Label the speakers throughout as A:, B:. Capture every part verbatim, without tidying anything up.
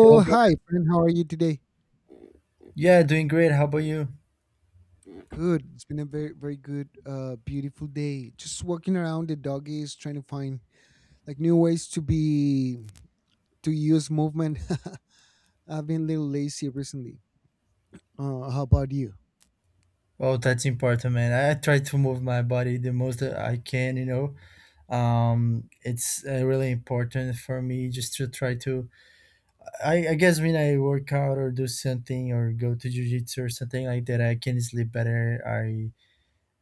A: Hello, bro.
B: hi, friend. How are you today?
A: Yeah, doing great. How about you?
B: Good. It's been a very, very good, uh, beautiful day. Just walking around the doggies, trying to find like new ways to be to use movement. I've been a little lazy recently. Uh, how about you?
A: Oh, that's important, man. I I try to move my body the most that I can, you know. Um, it's uh, really important for me just to try to. I, I guess when I work out or do something or go to jujitsu or something like that, I can sleep better. I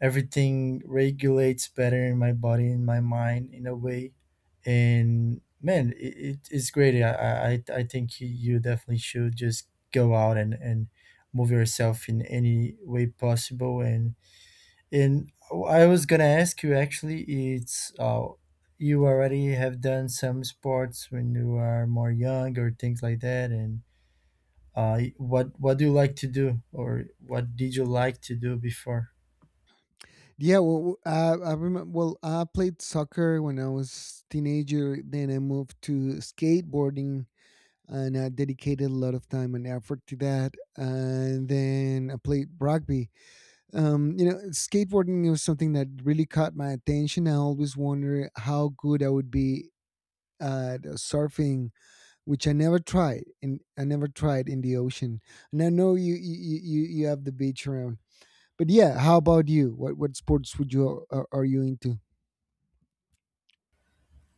A: everything regulates better in my body, in my mind, in a way, and man it, it it's great. I, I i I think you you definitely should just go out and and move yourself in any way possible. And and I was gonna ask you actually. It's uh You already have done some sports when you are more young or things like that. And uh what what do you like to do, or what did you like to do before?
B: Yeah. Well, I, I remember. Well, I played soccer when I was teenager. Then I moved to skateboarding, and I dedicated a lot of time and effort to that. And then I played rugby. Um, you know, skateboarding was something that really caught my attention. I always wondered how good I would be at uh, surfing, which I never tried, and I never tried in the ocean. And I know you you you, you you have the beach around, but yeah, how about you? What what sports would you are, are you into?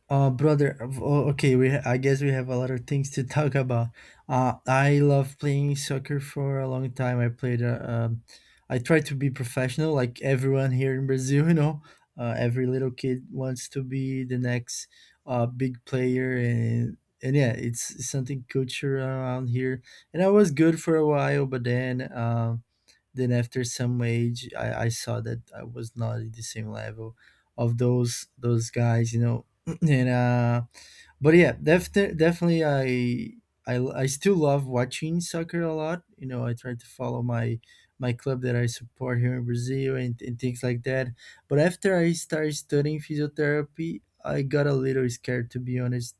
A: Uh, brother, uh, o- okay, we I guess we have a lot of things to talk about. Uh, I love playing soccer for a long time. I played, uh, um, I tried to be professional, like everyone here in Brazil, you know. Uh, every little kid wants to be the next uh, big player, and and yeah, it's something culture around here. And I was good for a while, but then um, then after some age, I, I saw that I was not at the same level of those those guys, you know. And uh But yeah, def- definitely I, I i still love watching soccer a lot, you know. I try to follow my my club that I support here in Brazil, and, and things like that. But after I started studying physiotherapy, I got a little scared, to be honest,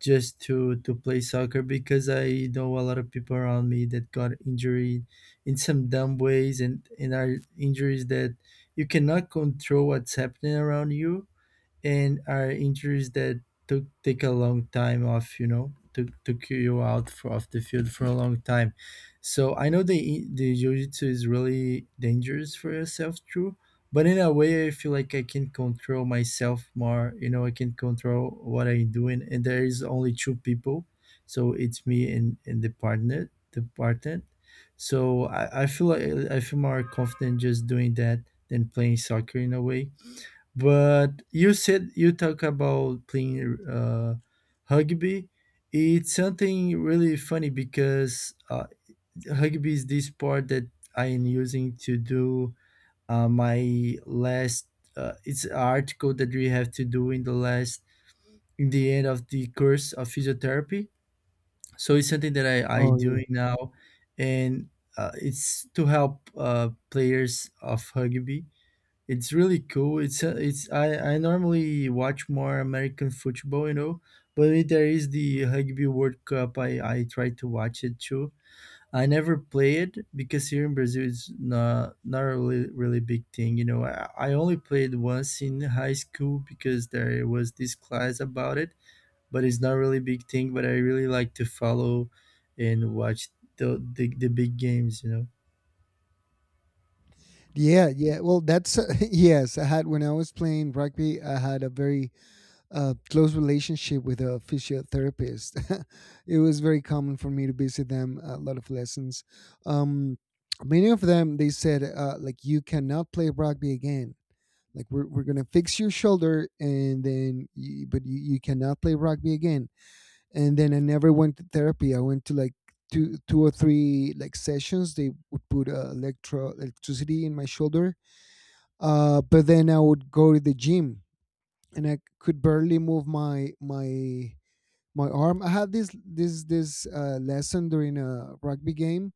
A: just to to play soccer, because I know a lot of people around me that got injured in some dumb ways, and and are injuries that you cannot control what's happening around you, and are injuries that took take a long time off, you know, took took you out for, off the field for a long time. So I know the the jiu-jitsu is really dangerous for yourself, true. But in a way, I feel like I can control myself more, you know. I can control what I'm doing, and there is only two people, so it's me and, and the partner the partner so I, I feel like I feel more confident just doing that than playing soccer, in a way. But you said you talk about playing uh, rugby. It's something really funny because uh, rugby is this sport that I am using to do uh, my last. Uh, it's an article that we have to do in the last, in the end of the course of physiotherapy. So it's something that I I
B: Oh,
A: doing now, and uh, it's to help uh, players of rugby. It's really cool. It's a, it's I I normally watch more American football, you know, but if there is the Rugby World Cup, I I try to watch it too. I never play it because here in Brazil it's not not a really really big thing, you know. I, I only played once in high school because there was this class about it, but it's not really big thing. But I really like to follow and watch the the, the big games, you know.
B: yeah, yeah. Well, that's uh, yes. I had When I was playing rugby, I had a very uh, close relationship with a physiotherapist. It was very common for me to visit them a lot of lessons. Um, Many of them they said uh, like you cannot play rugby again. Like we're we're gonna fix your shoulder, and then you, but you, you cannot play rugby again. And then I never went to therapy. I went to like two two or three like sessions. They would put uh, electro electricity in my shoulder, uh, but then I would go to the gym and I could barely move my my my arm. I had this this this uh, lesson during a rugby game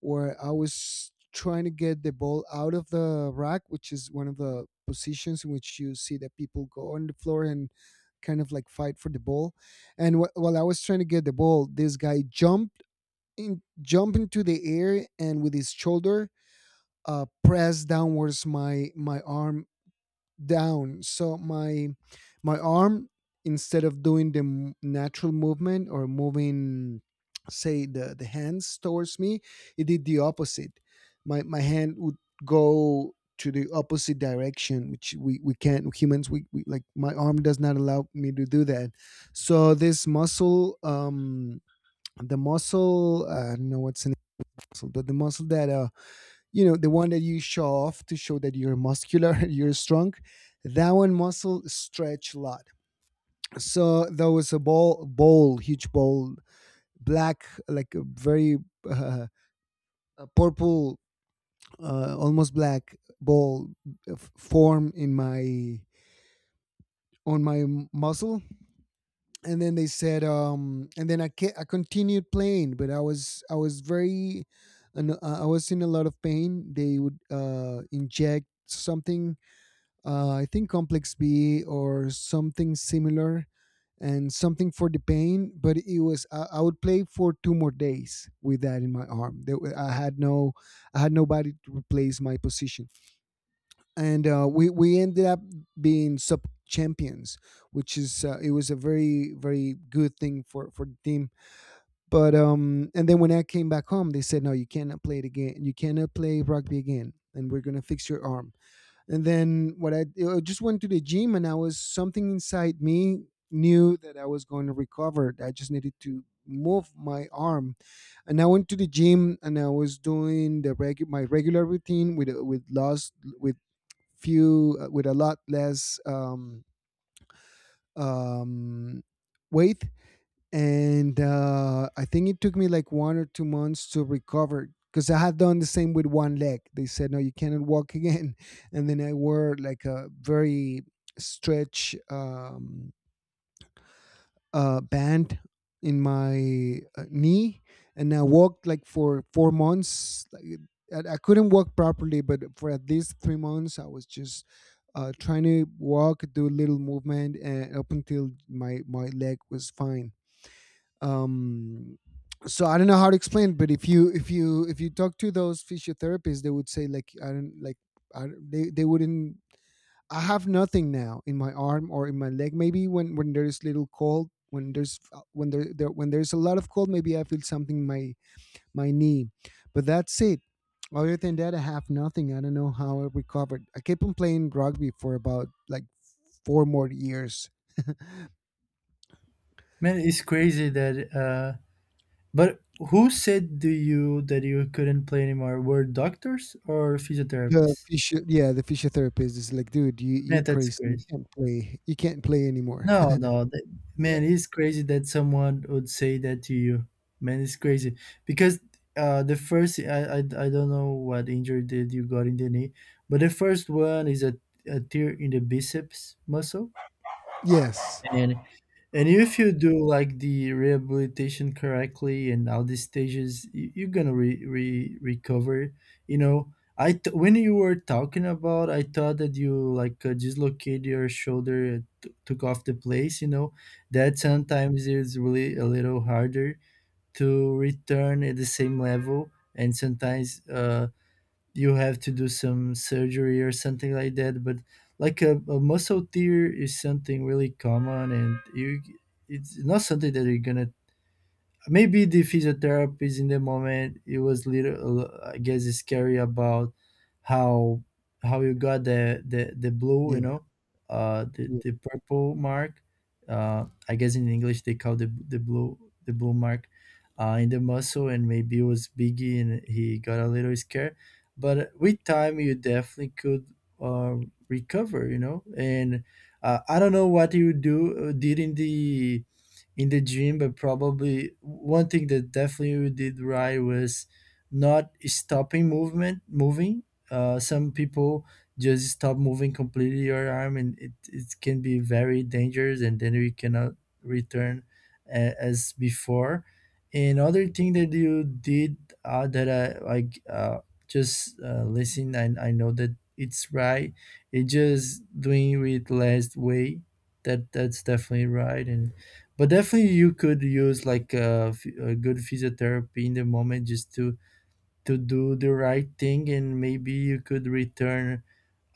B: where I was trying to get the ball out of the rack, which is one of the positions in which you see that people go on the floor and kind of like fight for the ball. And wh- while I was trying to get the ball, this guy jumped in, jumped into the air, and with his shoulder, uh, pressed downwards my my arm down. So my my arm, instead of doing the m- natural movement, or moving, say, the the hands towards me, it did the opposite. My my hand would go to the opposite direction, which we we can't. Humans, we, we like, my arm does not allow me to do that. So this muscle, um the muscle, uh, I don't know what's in the muscle, but the muscle that, uh you know the one that you show off to show that you're muscular, you're strong, that one muscle stretch a lot. So there was a ball bowl, huge bowl, black, like a very, uh, a purple, uh, almost black ball, uh, f- form in my on my muscle. And then they said, um and then i ca- I continued playing, but I was I was very and I was in a lot of pain. They would uh inject something. Uh, I think Complex B or something similar, and something for the pain. But it was I, I would play for two more days with that in my arm. There, wa- I had no, I had nobody to replace my position, and uh, we we ended up being sub champions, which is uh, it was a very, very good thing for for the team. But um, and then when I came back home, they said no, you cannot play it again. You cannot play rugby again, and we're gonna fix your arm. And then what I, I just went to the gym, and I was something inside me knew that I was going to recover. I just needed to move my arm. And I went to the gym, and I was doing the regu- my regular routine with with loss with few uh, with a lot less um um weight. And uh, I think it took me like one or two months to recover, because I had done the same with one leg. They said, "No, you cannot walk again," and then I wore like a very stretch um, uh, band in my uh, knee, and I walked like for four months. Like, I I couldn't walk properly, but for at least three months, I was just uh, trying to walk, do a little movement, and up until my my leg was fine. um so I don't know how to explain it, but if you if you if you talk to those physiotherapists, they would say like i don't like I, don't- they they wouldn't. I have nothing now in my arm or in my leg. Maybe when when there's little cold, when there's uh, when there, there when there's a lot of cold, maybe I feel something in my my knee. But that's it. Other than that, I have nothing. I don't know how I recovered. I kept on playing rugby for about like four more years.
A: Man, it's crazy that. Uh, But who said to you that you couldn't play anymore? Were doctors or
B: The
A: physiotherapists?
B: physio Yeah, the physiotherapist is like, "Dude, you you're
A: Man, that's
B: crazy. You
A: crazy.
B: can't play. You can't play anymore."
A: No, no, that,
B: Yeah.
A: man, it's crazy that someone would say that to you. Man, it's crazy because uh, the first, I, I I don't know what injury did you got in the knee, but the first one is a, a tear in the biceps muscle,
B: Yes.
A: and And if you do like the rehabilitation correctly and all these stages, y- you're gonna re- re- recover. You know, I th- when you were talking about, I thought that you like uh, dislocate your shoulder, uh, t- took off the place. You know, that sometimes is really a little harder to return at the same level, and sometimes uh, you have to do some surgery or something like that. But like a, a muscle tear is something really common, and you it's not something that you're gonna maybe the physiotherapist in the moment, it was little uh, I guess scary about how how you got the the, the blue, you
B: Yeah,
A: know, uh the,
B: yeah.
A: the purple mark. uh I guess in English they call the the blue, the blue mark uh in the muscle, and maybe it was biggie and he got a little scared, but with time you definitely could uh recover, you know. And uh, I don't know what you do uh, did in the in the gym, but probably one thing that definitely we did right was not stopping movement moving. Uh, some people just stop moving completely your arm, and it, it can be very dangerous, and then we cannot return a, as before. Another thing that you did uh, that I like, uh, just uh, listen, and I know that it's right. It just doing with less weight. That that's definitely right, and but definitely you could use like a, f- a good physiotherapy in the moment just to to do the right thing, and maybe you could return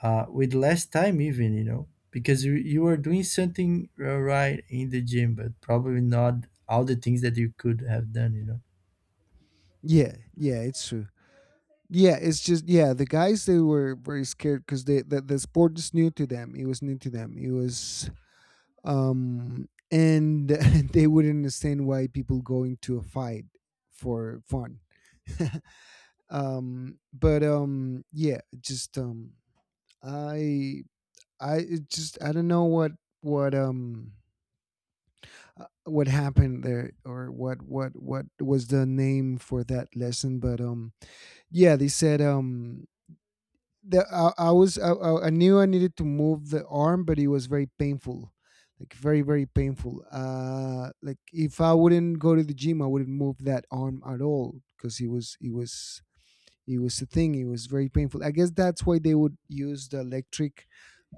A: uh, with less time even, you know, because you, you are doing something uh, right in the gym, but probably not all the things that you could have done, you know.
B: Yeah, yeah, it's true. Yeah, it's just, yeah, the guys, they were very scared because they the, the sport is new to them. It was new to them. It was um and they wouldn't understand why people go into a fight for fun. um but um yeah, just, um I I it just I don't know what what um uh, what happened there. Or what what what was the name for that lesson. But um yeah, they said, um the I, I was I, I I knew I needed to move the arm, but it was very painful. Like very, very painful. Uh, like, if I wouldn't go to the gym, I wouldn't move that arm at all because it was it was it was a thing. It was very painful. I guess that's why they would use the electric,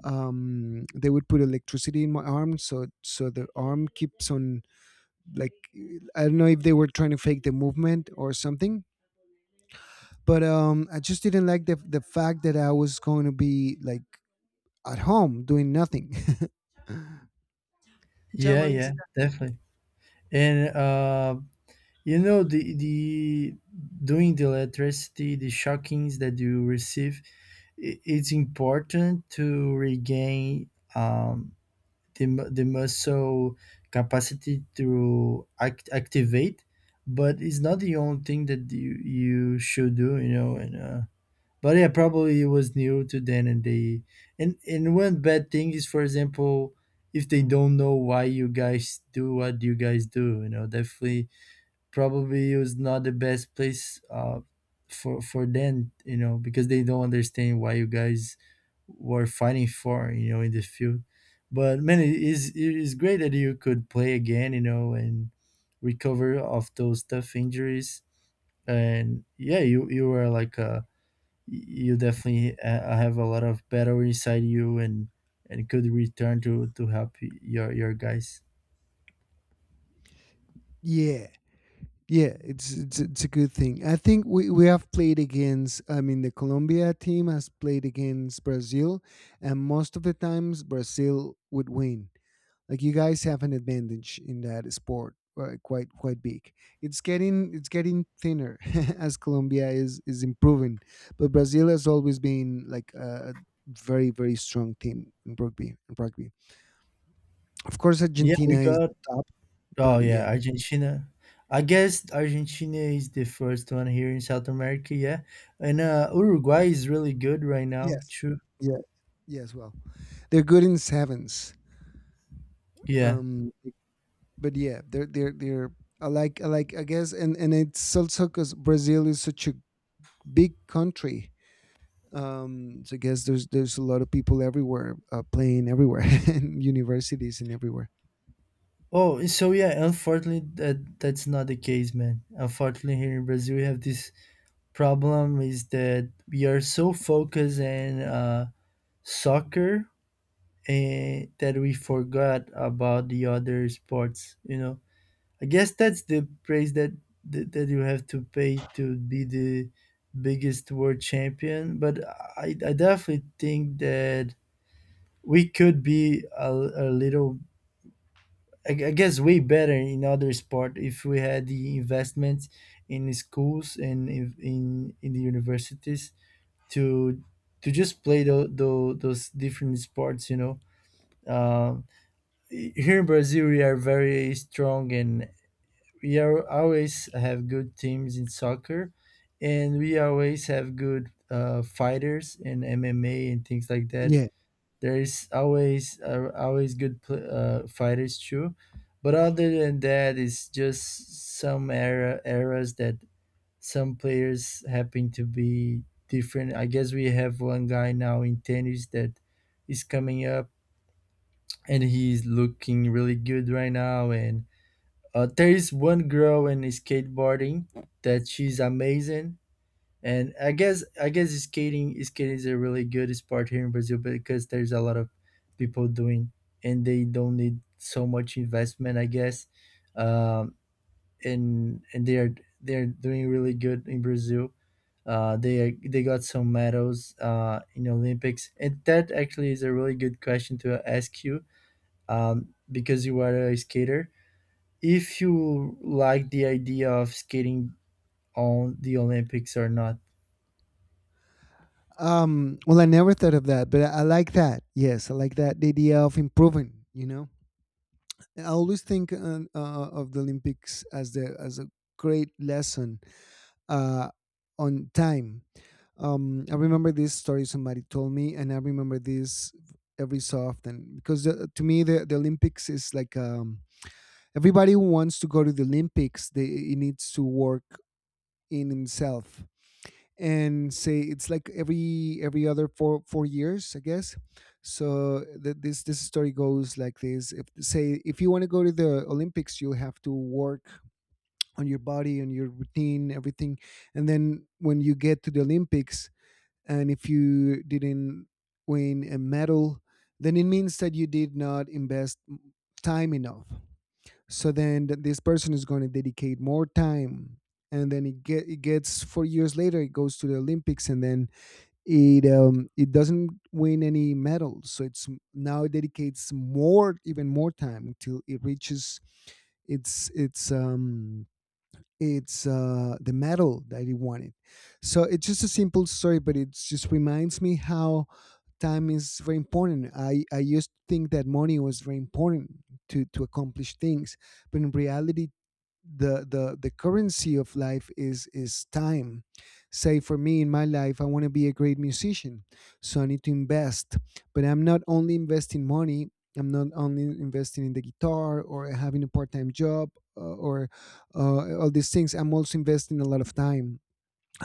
B: um they would put electricity in my arm, so so the arm keeps on, like, I don't know if they were trying to fake the movement or something. But um I just didn't like the the fact that I was going to be like at home doing nothing. Chao,
A: Yeah, yeah,
B: mamacita.
A: definitely. And uh, you know, the the doing the electricity, the shockings that you receive, i- it's important to regain um, they, mu- they must show capacity to act, activate, but it's not the only thing that you, you should do, you know. And uh, but yeah, probably it was new to them, and they and and one bad thing is, for example, if they don't know why you guys do what you guys do, you know, definitely probably was not the best place uh, for for them, you know, because they don't understand why you guys were fighting for, you know, in the field. But man, it is it is great that you could play again, you know, and recover of those tough injuries. And yeah, you you were like uh you definitely uh, have a lot of battle inside you, and and could return to to help your your guys.
B: Yeah, yeah, it's, it's it's a good thing. I think we, we have played against, I mean, the Colombia team has played against Brazil, and most of the times Brazil would win. Like, you guys have an advantage in that sport, uh, quite, quite big. It's getting it's getting thinner as Colombia is is improving, but Brazil has always been like a very, very strong team in rugby. In rugby, of course,
A: Yeah,
B: Argentina
A: we
B: is
A: got
B: the top,
A: Oh
B: but
A: yeah,
B: yeah,
A: Argentina. I guess Argentina is the first one here in South America, yeah. And uh Uruguay is really good right now,
B: yes,
A: too.
B: yeah, yes. Well, they're good in sevens.
A: Yeah.
B: Um, but yeah, they're they're they're. I like I like, I guess, and and it's also because Brazil is such a big country. Um so I guess there's there's a lot of people everywhere, uh, playing everywhere, and universities, and everywhere.
A: Oh, so yeah, unfortunately that that's not the case, man. Unfortunately here in Brazil we have this problem is that we are so focused in uh soccer, and that we forgot about the other sports, you know. I guess that's the praise that, that that you have to pay to be the biggest world champion. But I, I definitely think that we could be a, a little, I, gu- I guess, way better in other sport if we had the investments in schools and in in, in the universities to to just play the, the, those different sports. You know, um, here in Brazil we are very strong and. We are always have good teams in soccer, and we always have good uh, fighters in M M A and things like that.
B: Yeah.
A: There is always uh, always good pl- uh, fighters too, but other than that, it's just some era eras that some players happen to be different. I guess we have one guy now in tennis that is coming up, and he's looking really good right now. And uh, there is one girl in skateboarding that she's amazing, and I guess I guess skating skating is a really good sport here in Brazil because there's a lot of people doing, and they don't need so much investment, I guess, um, and and they are they're doing really good in Brazil. Uh, they they got some medals uh, in Olympics, and that actually is a really good question to ask you, um, because you are a skater, if you like the idea of skating on the Olympics or not.
B: Um well, I never thought of that, but I, I like that. Yes, I like that, the idea of improving you know I always think, uh, uh, of the Olympics as the as a great lesson, uh on time. um I remember this story somebody told me, and I remember this every so often because the, to me the, the Olympics is like um, everybody who wants to go to the Olympics, they he needs to work in himself. And say, it's like every every other four four years, I guess. So th- this this story goes like this: if say, if you want to go to the Olympics, you have to work on your body, on your routine, everything. And then when you get to the Olympics, and if you didn't win a medal, then it means that you did not invest time enough. So then th- this person is going to dedicate more time. And then it, get, it gets four years later, it goes to the Olympics, and then it um, it doesn't win any medals. So it's m- now it dedicates more even more time until it reaches its its um it's uh the medal that he wanted. So it's just a simple story, but it just reminds me how time is very important. I, I used to think that money was very important to, to accomplish things, but in reality, the, the the currency of life is is time. Say, for me in my life, I want to be a great musician, so I need to invest. But I'm not only investing money. I'm not only investing in the guitar, or having a part time job, uh, or uh, all these things. I'm also investing a lot of time.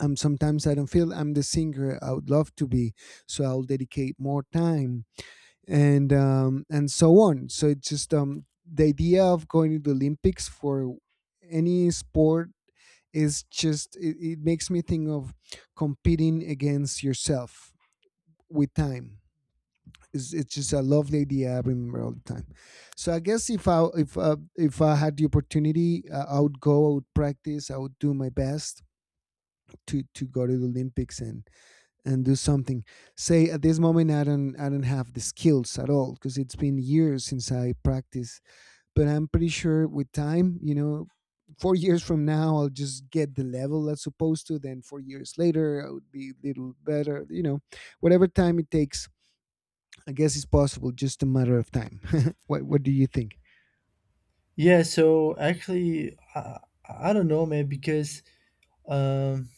B: um, Sometimes I don't feel I'm the singer I would love to be, so I'll dedicate more time, and um, and so on. So it's just, um, the idea of going to the Olympics for any sport is just, it, it makes me think of competing against yourself with time. It's, it's just a lovely idea I remember all the time. So I guess if I if uh, if I had the opportunity, uh, I would go. I would practice. I would do my best to to go to the Olympics and and do something. Say at this moment I don't I don't have the skills at all because it's been years since I practice. But I'm pretty sure with time, you know, four years from now I'll just get the level that's supposed to. Then four years later I would be a little better. You know, whatever time it takes I guess it's possible, just a matter of time. what What do you think?
A: Yeah, so actually, I, I don't know, man, because um,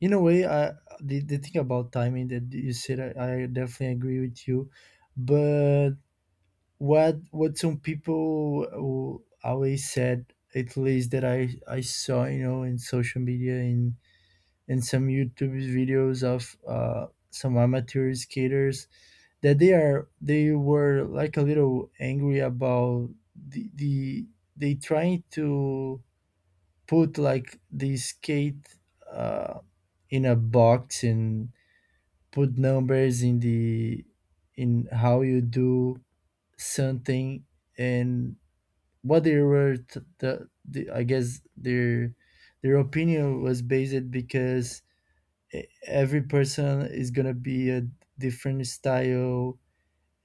A: in a way, I the, the thing about timing that you said, I, I definitely agree with you. But what what some people will always said, at least that I I saw, you know, in social media in in some YouTube videos of uh, some amateur skaters that they are they were like a little angry about the, the they trying to put like the skate uh, in a box and put numbers in the in how you do something, and what they were t- the, the I guess their their opinion was based because e- every person is gonna be a different style,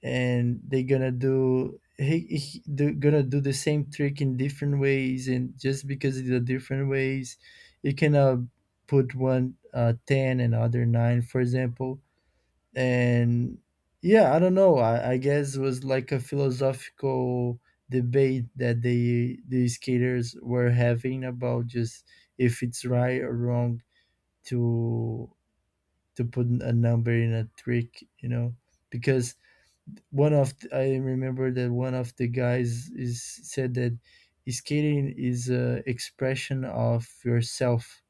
A: and they are gonna do he, he do, gonna do the same trick in different ways, and just because it's a different ways you cannot put one uh, ten and other nine, for example. And yeah, I don't know, i, I guess it was like a philosophical debate that they the skaters were having about just if it's right or wrong to to put a number in a trick, you know, because one of th- I remember that one of the guys is said that skating is a expression of yourself,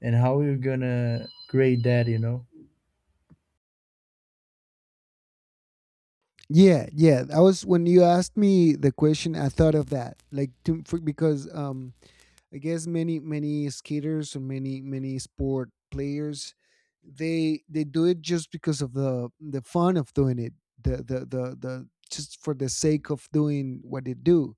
A: and how you're gonna grade that, you know.
B: Yeah, yeah. I was when you asked me the question, I thought of that, like to, for, because um, I guess many many skaters or many many sport players they they do it just because of the the fun of doing it, the the the, the just for the sake of doing what they do.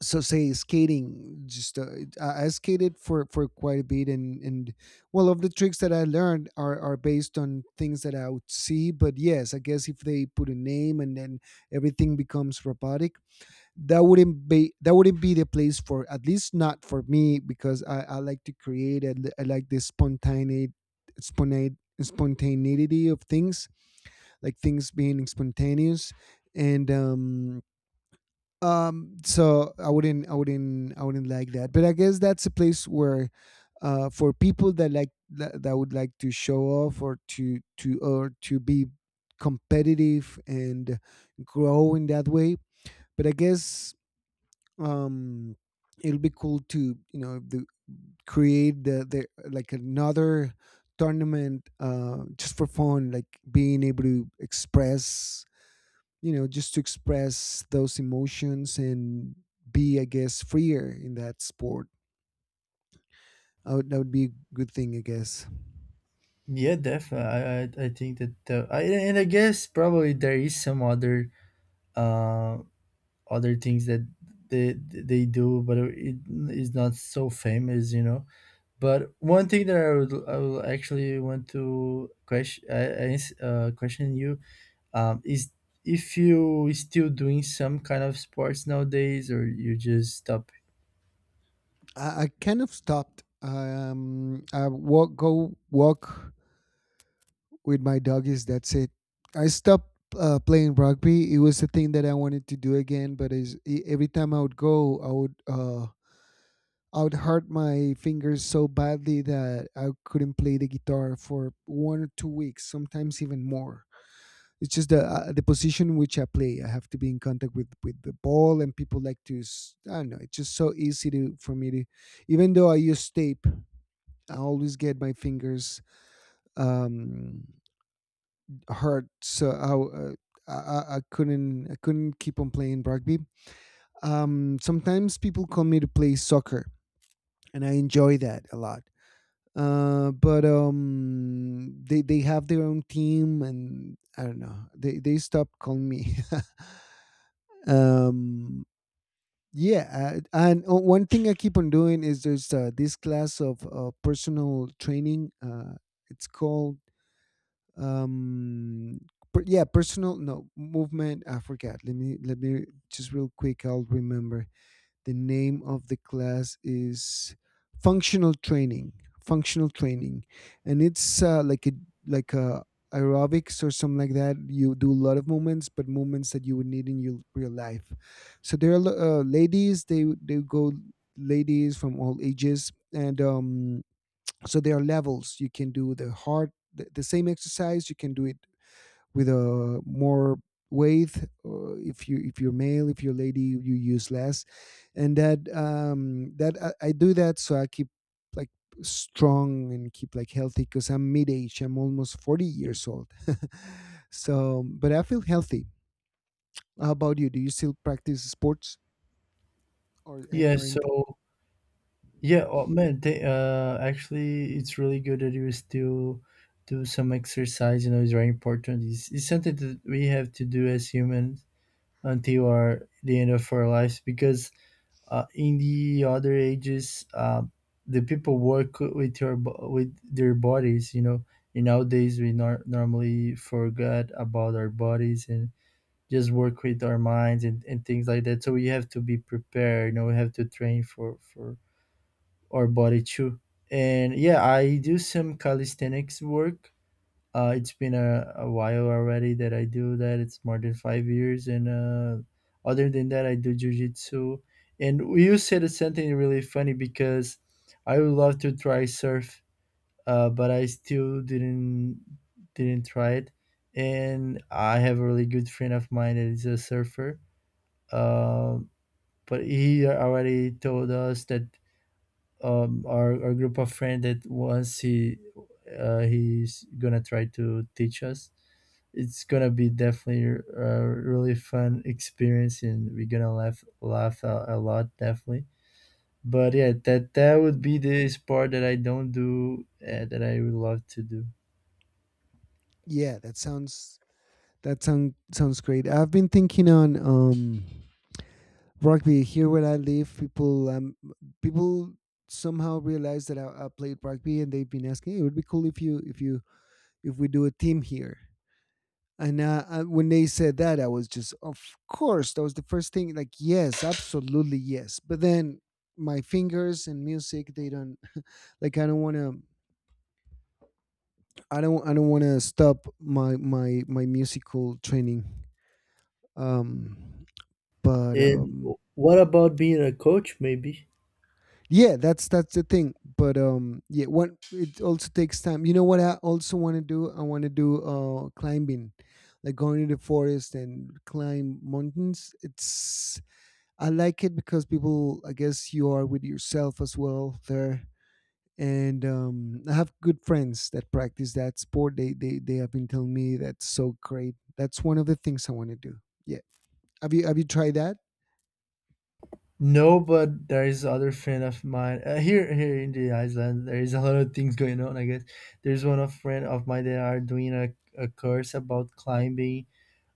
B: So say skating just, uh, I, I skated for for quite a bit, and and well, of the tricks that I learned are are based on things that I would see. But yes, I guess if they put a name and then everything becomes robotic, that wouldn't be that wouldn't be the place for, at least not for me, because I, I like to create and I like the spontaneity spontane, spontaneity of things, like things being spontaneous. And um um so I wouldn't I wouldn't I wouldn't like that, but I guess that's a place where, uh for people that like that, that would like to show off, or to to or to be competitive and grow in that way. But I guess, um it'll be cool to, you know, the, create the, the like another tournament, uh just for fun, like being able to express, you know, just to express those emotions and be, I guess, freer in that sport. I would, that would be a good thing, I guess.
A: Yeah, definitely. I I, I think that uh, I, and I guess probably there is some other uh other things that they they do, but it is not so famous, you know. But one thing that I would I would actually want to question, I, I uh, question you, Um, is if you still doing some kind of sports nowadays, or you just stop?
B: I, I kind of stopped. Um, I walk, go walk with my doggies. That's it. I stopped uh, playing rugby. It was a thing that I wanted to do again, but is e- every time I would go, I would, uh, I would hurt my fingers so badly that I couldn't play the guitar for one or two weeks, sometimes even more. It's just the uh, the position which I play. I have to be in contact with with the ball, and people like to. s- I don't know. It's just so easy to, for me to, even though I use tape, I always get my fingers um, hurt, so I, uh, I I I couldn't I couldn't keep on playing rugby. Um, sometimes people call me to play soccer, and I enjoy that a lot. Uh, but um, They they have their own team, and I don't know. They they stopped calling me. um, yeah, I, and o- one thing I keep on doing is there's uh, this class of uh, personal training. Uh, it's called, um per, yeah, personal, no, movement. I forgot. Let me let me just real quick, I'll remember. The name of the class is functional training, functional training And it's uh, like a like a aerobics or something like that. You do a lot of movements, but movements that you would need in your real life. So there are, uh, ladies, they they go, ladies from all ages. And um so there are levels. You can do the hard the, the same exercise, you can do it with a more weight, uh, if you if you're male, if you're lady, you use less. And that, um that I, I do that, so I keep like strong and keep like healthy because I'm mid-age, I'm almost forty years old. So, but I feel healthy. How about you? Do you still practice sports, or eh,
A: Yeah.
B: or anything?
A: So yeah, oh man, they, uh, actually, it's really good that you still do some exercise. You know, it's very important. It's, it's something that we have to do as humans until our the end of our lives, because uh, in the other ages, uh, the people work with your bo- with their bodies. You know, and nowadays we nor- normally forget about our bodies and just work with our minds and, and things like that. So we have to be prepared. You know, we have to train for for our body too. And yeah, I do some calisthenics work. Uh, it's been a, a while already that I do that. It's more than five years. And uh, other than that, I do jujitsu. And you said something really funny because I would love to try surf, uh, but I still didn't didn't try it. And I have a really good friend of mine that is a surfer, um, but he already told us that um, our, our group of friends that once he uh, he's gonna try to teach us. It's gonna be definitely a really fun experience, and we're gonna laugh laugh a, a lot definitely. But yeah, that that would be this part that I don't do uh, that I would love to do.
B: Yeah That sounds, that sound sounds great. I've been thinking on, um rugby. Here where I live, people, um people somehow realize that I, I played rugby, and they've been asking, "Hey, it would be cool if you if you, if we do a team here." And uh, uh, when they said that, I was just, of course, that was the first thing. Like, yes, absolutely, yes. But then my fingers and music, they don't like. I don't want to. I don't. I don't want to stop my my my musical training. Um, but
A: And
B: um,
A: what about being a coach? Maybe.
B: Yeah, that's that's the thing. But um yeah, one, it also takes time, you know. What I also want to do, i want to do uh climbing, like going to the forest and climb mountains. It's, I like it because people, I guess you are with yourself as well there. And um I have good friends that practice that sport. They they, they have been telling me that's so great. That's one of the things I want to do. Yeah, have you have you tried that?
A: No, but there is other friend of mine uh, here here in the island. There is a lot of things going on. I guess there's one of friend of mine that are doing a, a course about climbing.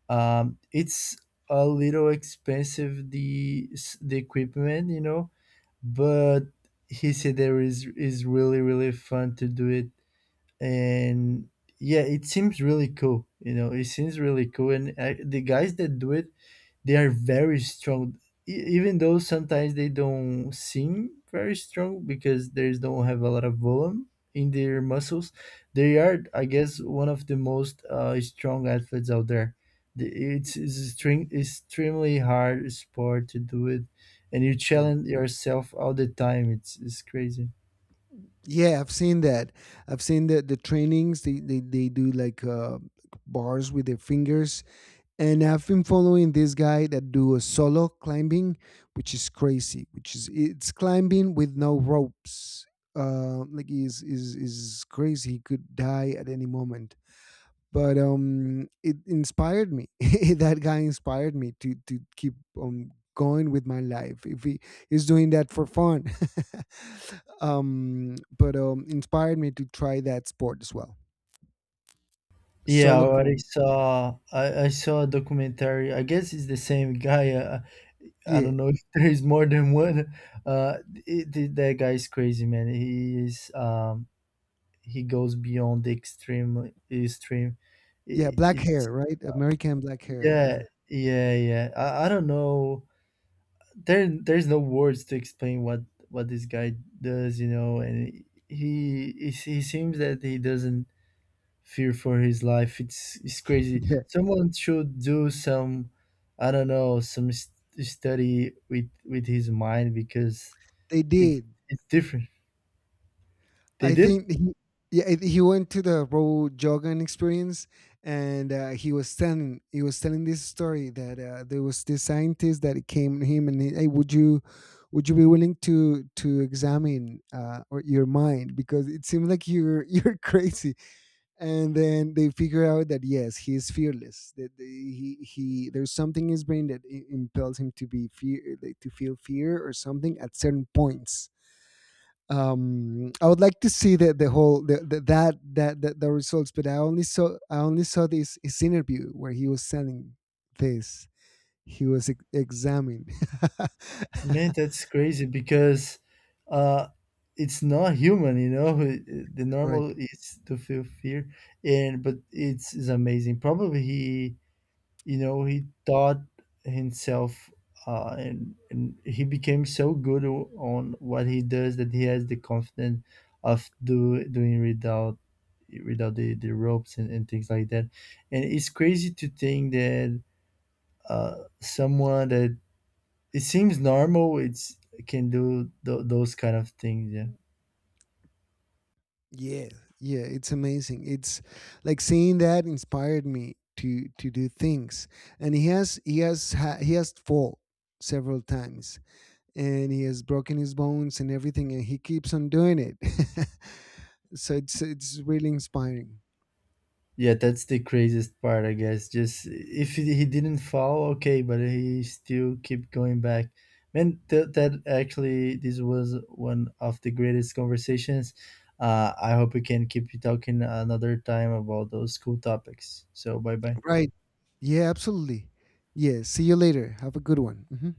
A: Um, it's a little expensive the s- the equipment, you know, but he said there is is really really fun to do it, and yeah, it seems really cool. You know, it seems really cool, and uh, the guys that do it, they are very strong, e- even though sometimes they don't seem very strong because they don't have a lot of volume in their muscles. They are, I guess, one of the most uh, strong athletes out there. The- It's, it's extreme, extremely hard sport to do it, and you
B: Yeah.
A: challenge yourself all the time. It's, it's crazy.
B: Yeah, I've seen that. I've seen the the trainings. They they, they do like uh, bars with their fingers. And I've been following this guy that do a solo climbing, which is crazy. Which is It's climbing with no ropes. Uh, like, is is is crazy. He could die at any moment, but um it inspired me. That guy inspired me to to keep um going with my life. If he is doing that for fun, um but um inspired me to try that sport as well.
A: Yeah, I
B: Solo
A: already
B: climb,
A: saw. I, I saw a documentary. I guess it's the same guy. Uh, I
B: yeah.
A: don't know if there's more than one. Uh, it, it- that guy is crazy, man. He is um, he goes beyond the extreme extreme.
B: Yeah,
A: I-
B: black
A: it's
B: hair, right? American, black hair. Uh,
A: Yeah, yeah,
B: yeah.
A: yeah. I, I don't know. There, there's no words to explain what what this guy does, you know. And he he, he seems that he doesn't fear for his life. It's it's crazy.
B: Yeah,
A: Someone should do some, I don't know, some st- study with with his mind because
B: they
A: it
B: did.
A: it's different. They
B: I
A: did?
B: think he, yeah, I think he went to the Roe Jogan experience, and uh, he was telling, he was telling this story that uh, there was this scientist that came to him, and he, hey, would you, would you be willing to to examine uh, or your mind because it seems like you're you're crazy. And then they figure out that yes, he is fearless. That the- he he There's something in his brain that i- impels him to be fear, like, to feel fear or something at certain points. um I would like to see the the whole the, the that, that that the results, but I only saw, i only saw this his interview where he was selling this. He was ex- examining.
A: Man, that's crazy because uh it's not human, you know. The
B: Right.
A: normal is to feel fear, and but it's, it's amazing. Probably he, you know, he taught himself uh, and and he became so good o- on what he does that he has the confidence of do doing without without the, the ropes and, and things like that. And it's crazy to think that uh someone that it seems normal, it's it can do th- those kind of things. Yeah,
B: Yeah. Yeah, it's amazing. It's like, seeing that inspired me to to do things. And he has he has ha- he has fall several times, and he has broken his bones and everything, and he keeps on doing it. So it's it's really inspiring.
A: yeah. That's the craziest part, I guess. Just if he he didn't fall, okay, but he still keep going back. Man, th- that actually this was one of the greatest conversations. Uh, I hope we can keep talking another time about those cool topics. So bye bye.
B: Right. Yeah, absolutely. Yeah. See you later. Have a good one. Mhm.